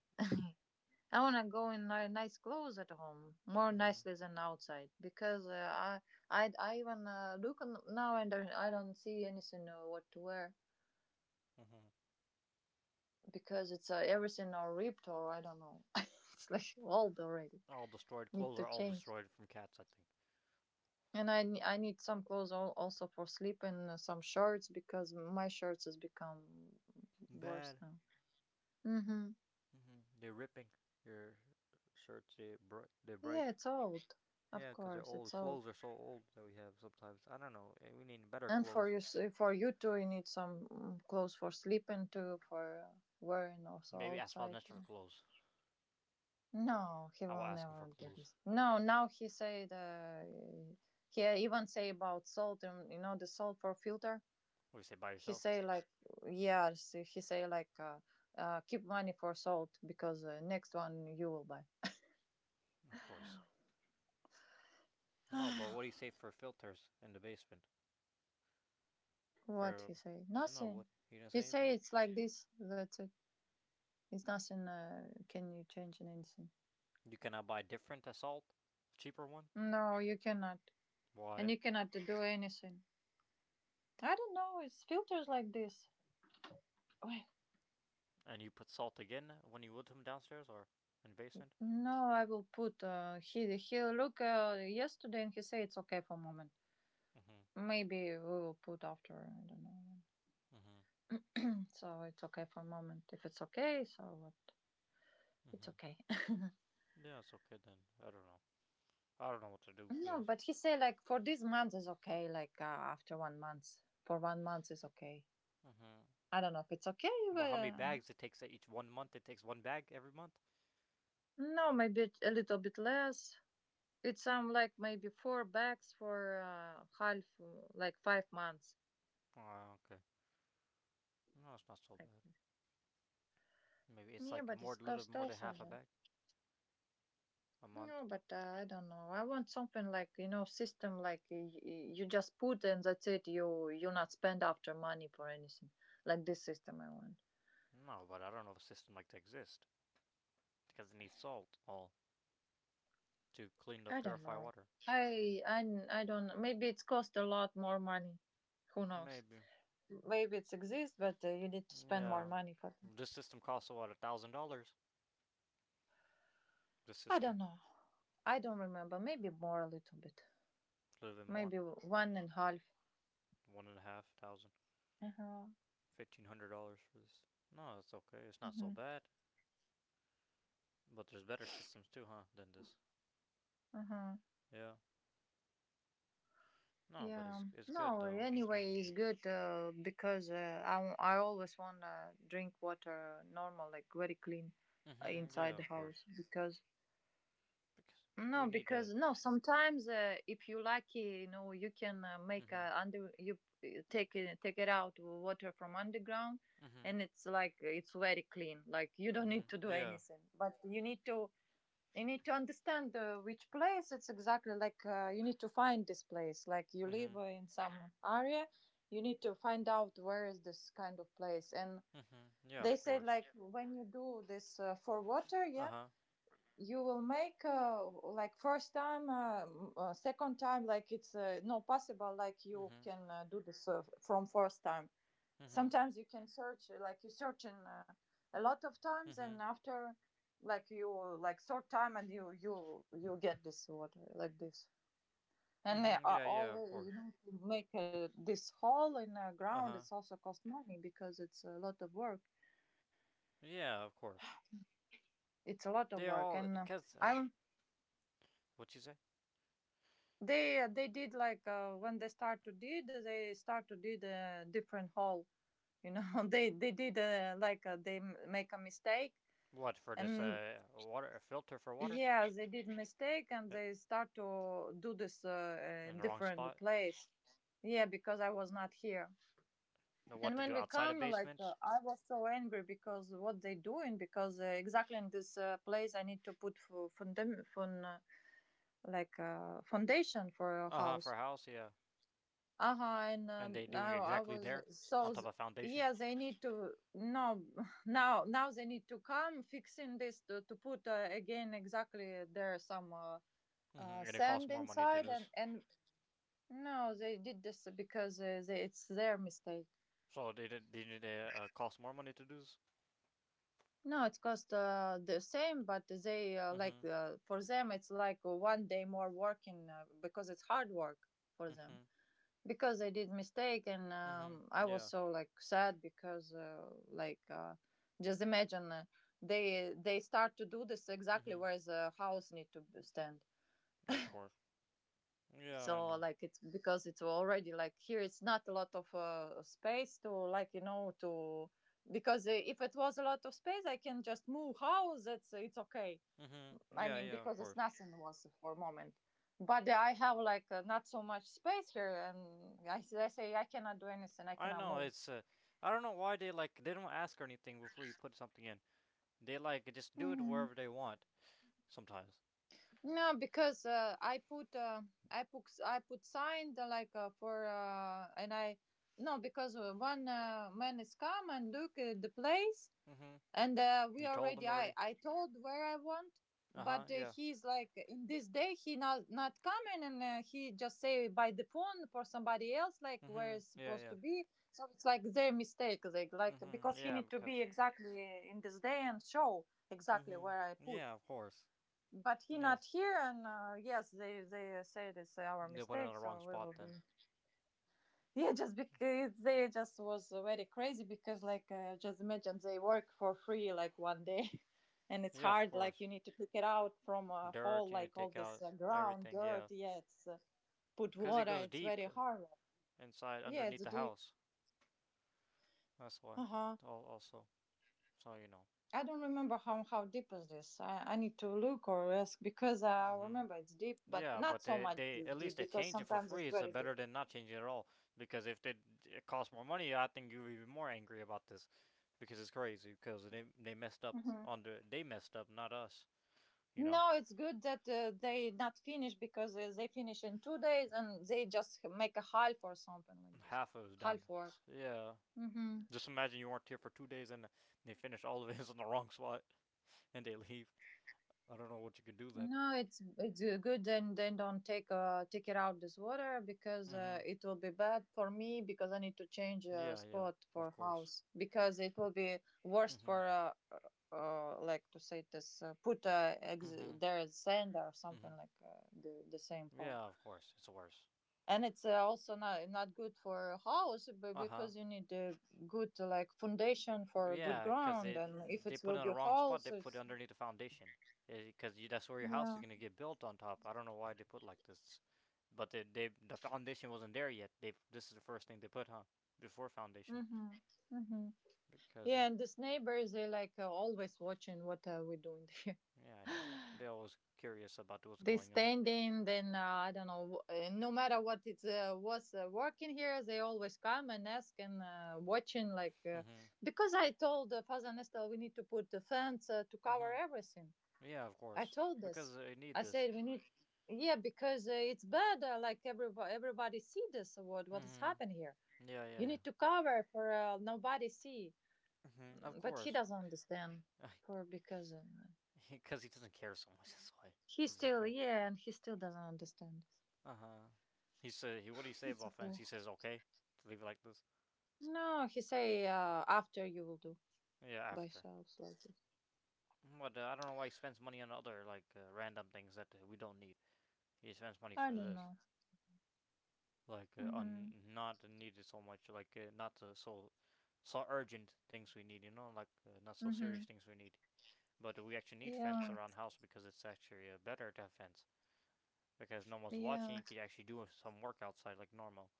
S2: I wanna go in nice clothes at home, more
S1: Mm-hmm.
S2: nicely than outside, because I I even look on now and I don't see anything what to wear
S1: Mm-hmm.
S2: because it's everything are ripped, or I don't know. It's like old already.
S1: All destroyed.
S2: Need
S1: Clothes
S2: to
S1: are all
S2: change.
S1: destroyed from cats, I think.
S2: And I need some clothes also for sleep, and some shirts because my shirts has become worse
S1: Bad.
S2: now. Mhm.
S1: Mm-hmm. They're ripping your shirts, they
S2: Yeah,
S1: break.
S2: it's old. Of
S1: Yeah, 'cause they're
S2: course, it's
S1: old.
S2: old.
S1: Clothes are so old that we have sometimes. I don't know. We need better
S2: And for
S1: clothes.
S2: you, for you too, you need some, clothes for sleeping too, for wearing also
S1: Maybe ask Bob
S2: outside,
S1: Nestor for
S2: too.
S1: clothes.
S2: No, he
S1: I will
S2: will
S1: ask him for
S2: never do
S1: clothes.
S2: this. No, now he said he even say about salt. You know the salt for filter.
S1: What do you say, buy
S2: He
S1: yourself?
S2: say like, yes. He say like, keep money for salt because next one you will buy.
S1: Of course. No, but what do you say for filters in the basement?
S2: What
S1: For
S2: he say?
S1: no,
S2: Nothing.
S1: what you didn't
S2: He
S1: say
S2: say
S1: anything.
S2: it's like this. That's it. It's nothing. Can you change in anything?
S1: You cannot buy different salt, cheaper one.
S2: No, you cannot. And
S1: Why?
S2: you cannot do anything. I don't know. It's filters like this. Wait.
S1: And you put salt again when you would him downstairs or in the basement.
S2: No, I will put. He look yesterday and he say it's okay for a moment.
S1: Mhm.
S2: Maybe we will put after. I don't know.
S1: Mhm.
S2: So it's okay for a moment. If it's okay, so what? It's
S1: Mhm.
S2: okay.
S1: Yeah, it's okay then. I don't know. I don't know what to do
S2: No,
S1: because.
S2: but he say like for this month is okay. Like after 1 month, for 1 month is okay.
S1: Mhm.
S2: I don't know if it's okay,
S1: Well,
S2: but
S1: how many bags it takes each one month? It takes one bag every month.
S2: no, maybe a little bit less. It's like maybe four bags for half like 5 months,
S1: Oh, okay. No, it's not so
S2: I
S1: bad. Maybe
S2: think.
S1: it's
S2: Yeah,
S1: like
S2: but
S1: more,
S2: it's
S1: a little
S2: cost
S1: more than
S2: also.
S1: half a
S2: No?
S1: bag a month.
S2: No, but I don't know. I want something, like, system like, you just put and that's it. You not spend after money for anything, like this system I want.
S1: No, but I don't know if a system like that exists because it needs salt all to clean the
S2: I don't
S1: purify
S2: know.
S1: water.
S2: I I I don't. Maybe it's cost a lot more money. Who knows?
S1: Maybe.
S2: Maybe it's exists, but you need to spend more
S1: Yeah.
S2: money for.
S1: This system costs about $1,000. This
S2: I don't
S1: system,
S2: know. I don't remember. Maybe more a little bit.
S1: a little bit more,
S2: Maybe one and half.
S1: one and a half thousand,
S2: Uh-huh.
S1: $1,500 for this. No, it's okay. It's not so
S2: Hmm.
S1: bad. But there's better systems too, huh? Than this.
S2: Uh-huh.
S1: Yeah. No, but
S2: Yeah.
S1: it's good
S2: No,
S1: though. It's not
S2: anyway,
S1: so.
S2: it's good because I always want to drink water normal, like very clean
S1: Mhm. Yeah,
S2: inside the
S1: of
S2: house
S1: course.
S2: because
S1: Because we
S2: no,
S1: need to.
S2: sometimes if you lucky, you can make
S1: Mhm.
S2: a under you take it out water from underground
S1: Mhm.
S2: and it's like it's very clean. Like you don't need
S1: Mhm.
S2: to do
S1: Yeah.
S2: anything, but you need to understand which place it's exactly, like you need to find this place. Like you live
S1: Mhm.
S2: in some area, you need to find out where is this kind of place. And
S1: Mhm. Yeah,
S2: they
S1: of
S2: say,
S1: course.
S2: like, when you do this for water,
S1: Uh
S2: yeah,
S1: huh.
S2: you will make like first time second time, like it's no possible like you
S1: Mhm.
S2: can do this from first time.
S1: Mhm.
S2: Sometimes you can search like you search in a lot of times, and
S1: Mhm.
S2: after, like, you like short time, and you get this water like this. And they
S1: Mhm.
S2: are
S1: Yeah. Yeah, of
S2: always,
S1: course.
S2: you know, to make this hole in the
S1: Uh
S2: ground.
S1: huh.
S2: It's also cost money because it's a lot of work.
S1: Yeah, of course.
S2: It's a lot of
S1: They
S2: work,
S1: all
S2: and
S1: because of
S2: I'm
S1: what you say.
S2: they did, like when they start to did a different hole, you know. They did like they make a mistake.
S1: What for this
S2: And
S1: water, a filter for water?
S2: yeah, they did mistake, and
S1: Uh,
S2: they start to do this
S1: in
S2: in
S1: the wrong
S2: different
S1: spot?
S2: place. Yeah, because I was not here.
S1: Know
S2: And
S1: what to
S2: when
S1: do
S2: we
S1: outside a
S2: come, like
S1: basement?
S2: I was so angry because what they doing? Because exactly in this place, I need to put for like foundation for a
S1: Uh huh. For
S2: house.
S1: a house, yeah.
S2: Uh-huh, and
S1: And they doing
S2: now I
S1: exactly
S2: was
S1: there on
S2: so,
S1: top of foundation.
S2: yeah, they need to, no. Now they need to come fixing this to put again exactly there some.
S1: Mhm. And it costs
S2: Sand
S1: more money to
S2: inside,
S1: do
S2: and
S1: this.
S2: and no, they did this because they, it's their mistake.
S1: So they did. They did. They cost more money to do this.
S2: No, it cost the same, but they like
S1: Mhm.
S2: for them it's like one day more working because it's hard work for them,
S1: Mhm.
S2: because they did mistake. And
S1: Mhm.
S2: I was
S1: Yeah.
S2: so like sad because like just imagine they start to do this exactly
S1: Mhm.
S2: where the house need to stand.
S1: Of course. Yeah, I
S2: So
S1: know.
S2: like it's, because it's already like here it's not a lot of space to, like, you know, to, because if it was a lot of space I can just move house, it's okay.
S1: Mhm.
S2: I
S1: Yeah,
S2: mean,
S1: yeah, of
S2: because it's
S1: course.
S2: nothing was for a moment, but I have like not so much space here, and I say I cannot do anything, I
S1: I
S2: cannot
S1: know
S2: move.
S1: it's I don't know why they like they don't ask or anything before you put something in. They like just do it
S2: Hmm.
S1: wherever they want sometimes.
S2: No, because I put i put sign like for and i. No, because one man is come and look at the place,
S1: Mhm.
S2: and we
S1: You told
S2: already
S1: them
S2: I
S1: already.
S2: I told where I want,
S1: Uh-huh.
S2: but
S1: Yeah.
S2: he's like in this day he not coming, and he just say by the phone for somebody else like where
S1: Mhm.
S2: it's
S1: Yeah,
S2: supposed
S1: yeah.
S2: to be. So it's like their mistake, like
S1: Mhm.
S2: because he
S1: Yeah,
S2: need to be
S1: because.
S2: exactly in this day and show exactly
S1: Mhm.
S2: where I put.
S1: Yeah, of course.
S2: But he not
S1: Yes.
S2: here, and yes, they said it's our
S1: They put it on
S2: mistake,
S1: the wrong
S2: so we will
S1: spot then.
S2: be. Yeah, just because they just was very crazy, because like just imagine they work for free like one day, and it's
S1: Yeah, of
S2: hard like you
S1: course.
S2: need to pick it out from a hole,
S1: Dirt you need
S2: like
S1: to
S2: all
S1: take
S2: this
S1: out
S2: ground
S1: everything.
S2: dirt,
S1: Yeah.
S2: yeah, it's put
S1: Cuz it
S2: water,
S1: goes
S2: it's
S1: deep
S2: very hard.
S1: inside
S2: Yeah,
S1: underneath
S2: it's
S1: the
S2: deep.
S1: house. That's why.
S2: Uh-huh.
S1: Al also, so you know.
S2: I don't remember how deep is this. I need to look or ask, because I
S1: Hmm.
S2: remember it's deep but
S1: Yeah,
S2: not
S1: but
S2: so
S1: they,
S2: much
S1: they
S2: this
S1: at least
S2: deep,
S1: they
S2: because
S1: change it for
S2: sometimes
S1: free.
S2: it's
S1: It's
S2: very deep.
S1: better than not changing it at all. Because if they, it costs more money, I think you're even more angry about this, because it's crazy. Because they messed up on they messed up, not us. You know,
S2: No, it's good that they not finish, because they finish in 2 days and they just make a half or something like this.
S1: half of it was done.
S2: Half work.
S1: So, yeah.
S2: Mm-hmm.
S1: Just imagine you weren't here for 2 days, and they finish all of it in the wrong spot and they leave. I don't know what you could do then.
S2: No, it's good. Then don't take take it out this water, because
S1: Hmm.
S2: it will be bad for me, because I need to change a
S1: Yeah, yeah,
S2: spot
S1: of
S2: for
S1: course.
S2: house, because it will be worst for
S1: Hmm.
S2: like to say this put
S1: Hmm.
S2: there is sand or something
S1: Hmm.
S2: like the same
S1: Yeah,
S2: hole,
S1: of course. It's worse.
S2: and it's also not good for house, but
S1: Uh huh.
S2: because you need a good like foundation for good
S1: Yeah, because
S2: ground, and
S1: it
S2: if
S1: they
S2: it
S1: put it
S2: will
S1: on
S2: be
S1: the wrong
S2: hole,
S1: spot. They
S2: so
S1: put it
S2: it's,
S1: underneath the foundation, because you that's where your house is
S2: yeah.
S1: gonna get built on top. I don't know why they put like this, but the foundation wasn't there yet. They This is the first thing they put, huh? Before foundation,
S2: Mm-hmm. Mm-hmm.
S1: because
S2: Yeah, and these neighbors they, like always watching what we're doing there.
S1: yeah, I know they're always curious about what's
S2: They
S1: going on.
S2: standing, then I don't know. No matter what it was working here, they always come and ask and watching like
S1: Mm-hmm.
S2: because I told Father Nestor we need to put the fence to cover
S1: Mm-hmm.
S2: everything.
S1: Yeah, of
S2: I
S1: course,
S2: told
S1: because
S2: this.
S1: they need
S2: I
S1: this.
S2: said we need, yeah, because it's bad. Like everybody see this, what is happening
S1: Mm-hmm.
S2: here.
S1: Yeah, yeah,
S2: You
S1: yeah.
S2: need to cover for nobody see.
S1: Mm-hmm. Of
S2: Mm, but he
S1: course,
S2: doesn't understand for, because.
S1: because he doesn't care so much. That's why
S2: He
S1: he doesn't
S2: still,
S1: care.
S2: yeah, and he still doesn't understand.
S1: Uh huh. He said, what do you say
S2: It's
S1: about
S2: okay.
S1: fence? He says, okay, to leave it like this.
S2: No, he say after you will do
S1: Yeah,
S2: by
S1: after.
S2: yourself like this.
S1: But I don't know why he spends money on other, like, random things that we don't need. He spends money
S2: I
S1: for
S2: don't
S1: this.
S2: know.
S1: Like,
S2: Mhm.
S1: on not needed so much, like, not so, so urgent things we need, like, not so serious
S2: Mhm.
S1: things we need. But we actually need fence
S2: Yeah.
S1: around house because it's actually better to have fence. Because no one's watching,
S2: Yeah.
S1: you can actually do some work outside like normal,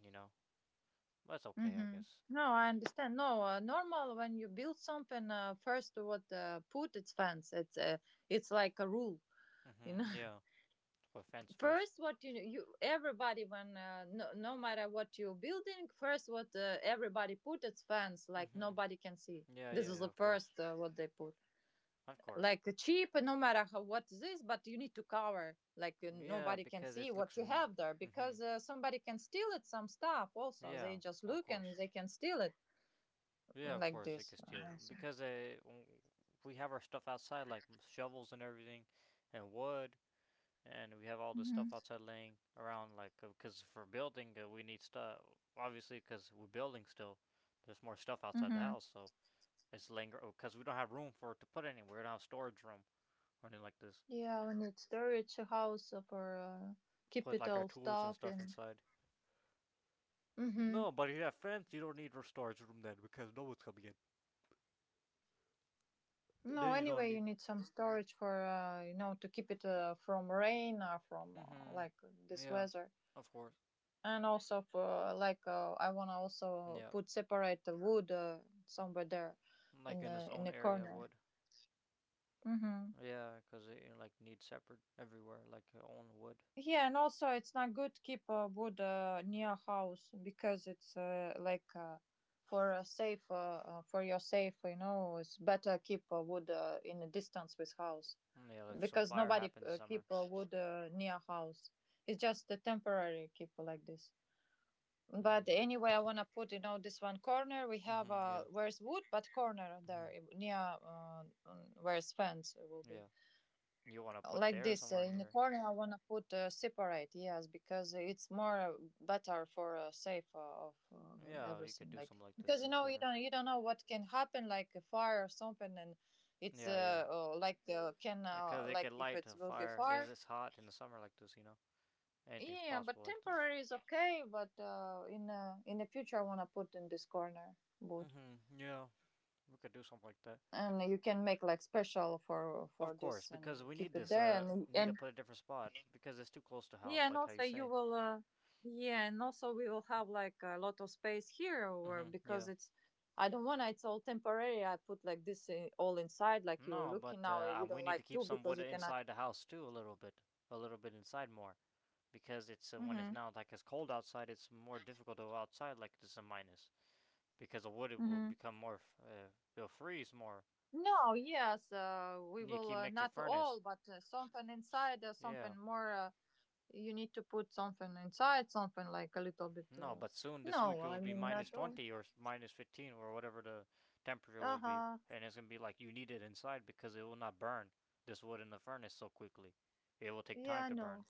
S1: you know? That's okay, I
S2: Mhm.
S1: guess.
S2: No, I understand. No, normal when you build something, first what put its fence. It's like a rule,
S1: Mm
S2: you
S1: hmm,
S2: know.
S1: yeah. Put fence first.
S2: First, what you everybody, when no matter what you building, first what everybody put its fence,
S1: Mm
S2: like nobody
S1: hmm.
S2: can see.
S1: Yeah,
S2: This
S1: yeah,
S2: is
S1: yeah,
S2: the
S1: of course.
S2: first what they put.
S1: Of course.
S2: Like cheap, no matter how what this, but you need to cover like
S1: Yeah,
S2: nobody can
S1: because
S2: see
S1: it
S2: what
S1: looks.
S2: you
S1: Mm
S2: have there,
S1: hmm.
S2: because somebody can steal it, some stuff also they
S1: Yeah,
S2: just
S1: of
S2: look
S1: course.
S2: and they can steal it.
S1: Yeah,
S2: Mm,
S1: of
S2: like
S1: course, they
S2: this.
S1: could steal. Because we have our stuff outside, like shovels and everything, and wood, and we have all this
S2: Mm-hmm.
S1: stuff outside laying around, like, because for building, we need stuff. Obviously, because we're building still, there's more stuff outside the
S2: Mm-hmm.
S1: house, so it's laying. Because we don't have room for it to put anywhere. We don't have storage room or anything like this.
S2: Yeah, we need storage house for keep
S1: Put,
S2: it
S1: like, our
S2: all
S1: tools and
S2: stuff,
S1: stuff
S2: and.
S1: inside. Well,
S2: Mm-hmm.
S1: no, but if you have fence, you don't need a storage room then because no one's coming in.
S2: No,
S1: Then you don't
S2: anyway you
S1: need.
S2: need some storage for to keep it from rain or from like
S1: Mm-hmm.
S2: this
S1: Yeah,
S2: weather.
S1: of course.
S2: And also for, like I want to also
S1: Yeah,
S2: put separate the wood somewhere there,
S1: like
S2: in
S1: in its
S2: the in
S1: own
S2: the
S1: area
S2: corner.
S1: wood.
S2: Hmm.
S1: Yeah, 'cause like needs separate everywhere, like your own wood.
S2: Yeah, and also it's not good to keep wood near house, because it's like for a safe for your safe. You know, it's better keep wood in a distance with house,
S1: Mm, yeah, like some
S2: because
S1: fire
S2: nobody
S1: happened summer.
S2: keep wood near house. It's just a temporary keep like this.
S1: Mm-hmm.
S2: But anyway, I wanna put this one corner. We have
S1: Mm-hmm.
S2: uh,
S1: Yeah.
S2: where's wood, but corner there,
S1: Mm-hmm.
S2: eh, near where's fence will be,
S1: Yeah. You want to put
S2: like
S1: there
S2: this
S1: somewhere
S2: in the
S1: near.
S2: corner. I wanna put separate, yes, because it's more better for safe of
S1: Yeah, you could
S2: everything,
S1: do something
S2: like,
S1: like
S2: because
S1: this is
S2: you
S1: better.
S2: don't you don't know what can happen, like a fire or something. And it's
S1: Yeah, yeah.
S2: like can
S1: Because it
S2: like
S1: could
S2: if
S1: light
S2: it
S1: a
S2: will be
S1: fire if
S2: fire.
S1: it's hot in the summer like this. Anything's
S2: Yeah,
S1: possible
S2: but
S1: like this.
S2: temporary is okay. But in the future, I wanna put in this corner wood,
S1: Mm-hmm. Yeah, we could do something like that.
S2: and you can make like special for
S1: Of
S2: for
S1: course,
S2: this, and
S1: because
S2: you
S1: we
S2: keep
S1: need
S2: it
S1: this.
S2: there, and
S1: Need to
S2: and
S1: put a different spot because it's too close to
S2: Yeah,
S1: house,
S2: and
S1: like how you
S2: also you
S1: say.
S2: will yeah, and also we will have like a lot of space here, or
S1: Mm-hmm.
S2: because
S1: Yeah.
S2: it's, I don't wanna it's all temporary. I put like this all inside, like you're
S1: No,
S2: looking
S1: but
S2: now. You
S1: we
S2: don't
S1: need to
S2: like
S1: keep
S2: too,
S1: some
S2: because
S1: wood
S2: you cannot.
S1: inside the house too, a little bit inside more, because it's when it's
S2: Hmm.
S1: now like it's cold outside, it's more difficult to go outside like this is a minus, because the wood it will
S2: Hmm.
S1: become more, it'll freeze more.
S2: No, yes, we
S1: You need to
S2: will
S1: keep next to
S2: not all,
S1: furnace.
S2: but something inside,
S1: Yeah.
S2: something more. You need to put something inside, something like a little bit.
S1: No, but soon this
S2: No,
S1: week it will
S2: I
S1: be
S2: mean
S1: minus
S2: not all.
S1: 20 or minus 15 or whatever the temperature
S2: Uh
S1: will be.
S2: huh.
S1: And it's going to be like you need it inside because it will not burn this wood in the furnace so quickly. It will take time
S2: Yeah,
S1: to
S2: no,
S1: burn.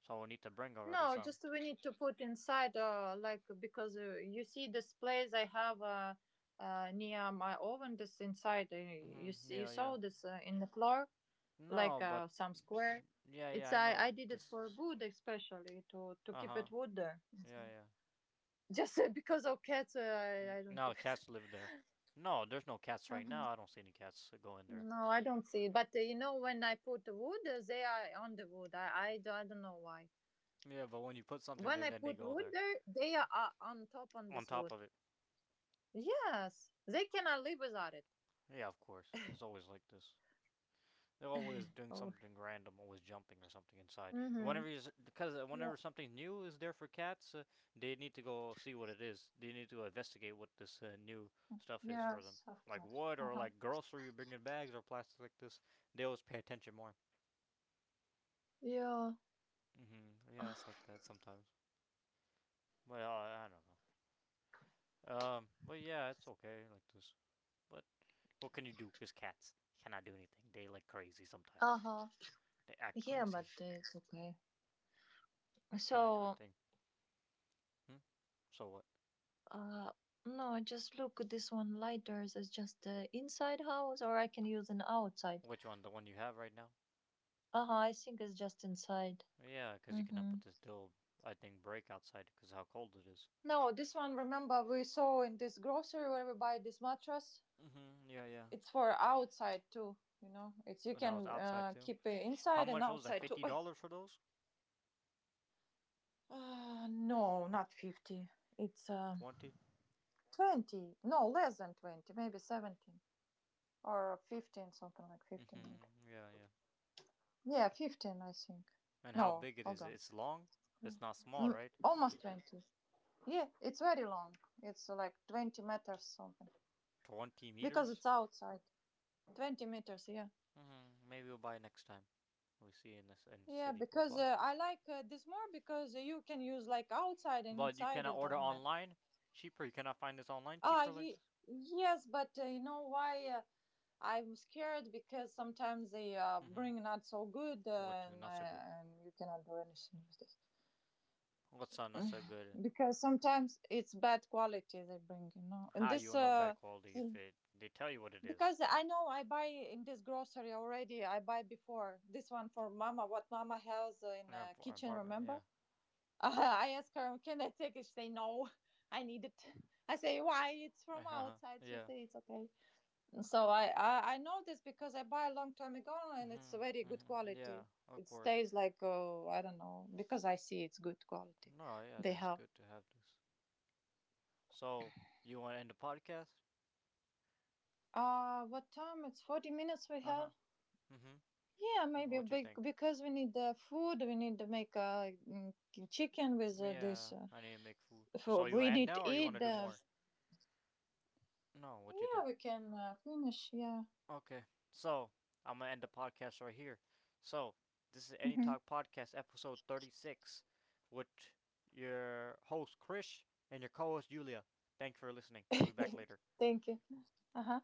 S1: So we'll need to bring already
S2: no.
S1: some.
S2: Just we need to put inside, like, because you see this place I have near my oven. This inside, you
S1: Mm-hmm.
S2: see, you
S1: Yeah, yeah.
S2: saw this in the floor, like
S1: No, but.
S2: some square.
S1: Yeah,
S2: It's
S1: yeah, I
S2: I
S1: know.
S2: I did it
S1: This.
S2: for wood especially to
S1: Uh
S2: keep
S1: huh.
S2: it wood there.
S1: Yeah, yeah.
S2: Just because of cats, I
S1: N-
S2: I don't
S1: Now
S2: keep it.
S1: cats live there. No, there's no cats right
S2: Uh-huh.
S1: now. I don't see any cats go in there.
S2: No, I don't see it. But you know, when I put the wood, they are on the wood. I don't know why.
S1: Yeah, but when you put something
S2: When
S1: there,
S2: I
S1: then they
S2: put
S1: go
S2: wood
S1: there.
S2: there, they are on top on
S1: On
S2: this
S1: top of
S2: wood.
S1: it.
S2: Yes, they cannot live without it.
S1: Yeah, of course. It's always like this. They're always doing
S2: Oh.
S1: something random, always jumping or something inside. And
S2: Mm-hmm.
S1: whenever because whenever something new is there for cats, they need to go see what it is. They need to investigate what this new stuff is for them,
S2: Yes, of
S1: like
S2: course.
S1: wood
S2: Uh
S1: or
S2: huh.
S1: like grocery you bring in bags or plastic like this. They always pay attention more.
S2: Yeah.
S1: Mm-hmm. Yeah, it's like that sometimes. But I don't know. But yeah, it's okay like this. But what can you do? It's cats. You cannot do anything. They like crazy sometimes. They act
S2: Yeah, but
S1: crazy.
S2: it's okay.
S1: Cannot do
S2: So,
S1: anything. Hmm? So what?
S2: uh, this one letters is just.
S1: Which one? The one you have right now? Yeah, because you cannot
S2: Mm-hmm.
S1: put this dual, I think, brake outside because how cold it is.
S2: No, this one. Remember, we saw in this grocery where we buy this mattress.
S1: Mm-hmm. Yeah, yeah.
S2: It's for outside too, you know. It's you
S1: Oh, that was
S2: can
S1: outside too.
S2: keep it
S1: How
S2: inside and
S1: much was that?
S2: outside too.
S1: Fifty
S2: Oi.
S1: dollars for those?
S2: No, not 50. It's
S1: 20.
S2: 20. No, less than 20. Maybe 17 or 15, something like 15 maybe.
S1: Mm-hmm. Yeah, yeah.
S2: Yeah, 15 I think.
S1: And how
S2: No,
S1: big it
S2: hold
S1: is?
S2: on.
S1: It's long. It's not small,
S2: Mm,
S1: right?
S2: almost 20. Yeah, it's very long. It's like 20 meters something.
S1: Twenty
S2: Because it's
S1: meters.
S2: outside. 20 meters, yeah.
S1: Mm-hmm. Maybe we'll buy next time. We see in this in the
S2: Yeah,
S1: city. We'll
S2: because
S1: buy.
S2: I like this more, because you can use like outside and
S1: But you
S2: inside,
S1: cannot
S2: it
S1: order
S2: doesn't matter.
S1: online. Cheaper. You cannot find this online
S2: Ah,
S1: cheaper like this.
S2: yes, but you know why I'm scared? Because sometimes they
S1: Mm-hmm.
S2: bring not so good,
S1: What? Not so good.
S2: and you cannot do anything with this.
S1: What's not
S2: Mm.
S1: so good?
S2: Because sometimes it's bad quality they bring, you know. And
S1: How
S2: this,
S1: you'll know bad quality if
S2: Mm.
S1: it they tell you what it is
S2: Because I know I buy in this grocery already. I buy before this one for Mama. What Mama has
S1: in
S2: in
S1: our
S2: kitchen,
S1: apartment.
S2: remember?
S1: Yeah.
S2: Uh, I ask her, "Can I take it?" She say, "No, I need it." I say, "Why? It's
S1: Uh
S2: from
S1: huh.
S2: outside." She
S1: Yeah.
S2: say, "It's okay." So I know this, because I buy a long time ago and it's
S1: Mhm.
S2: very good
S1: Mhm.
S2: quality.
S1: Yeah. Of
S2: It
S1: course.
S2: stays like I don't know, because I see it's good quality.
S1: No. Yeah.
S2: They
S1: That's
S2: have.
S1: good to have this. So you want to end the podcast?
S2: Uh, what time? It's 40 minutes we
S1: Uh huh.
S2: have.
S1: Mhm.
S2: Yeah, maybe
S1: What you think?
S2: because we need the food. We need to make a, mm, chicken with this.
S1: Yeah. I need to make food.
S2: For
S1: So you want
S2: we
S1: to end
S2: need to
S1: now, or you want
S2: eat.
S1: to do
S2: The,
S1: more? No. What you
S2: yeah,
S1: think?
S2: we can finish. Yeah.
S1: Okay, so I'm gonna end the podcast right here. So this is Any
S2: Hmm.
S1: Talk Podcast, episode 36, with your host Krish and your co-host Julia. Thanks for listening. We'll be back later.
S2: Thank you. Uh huh.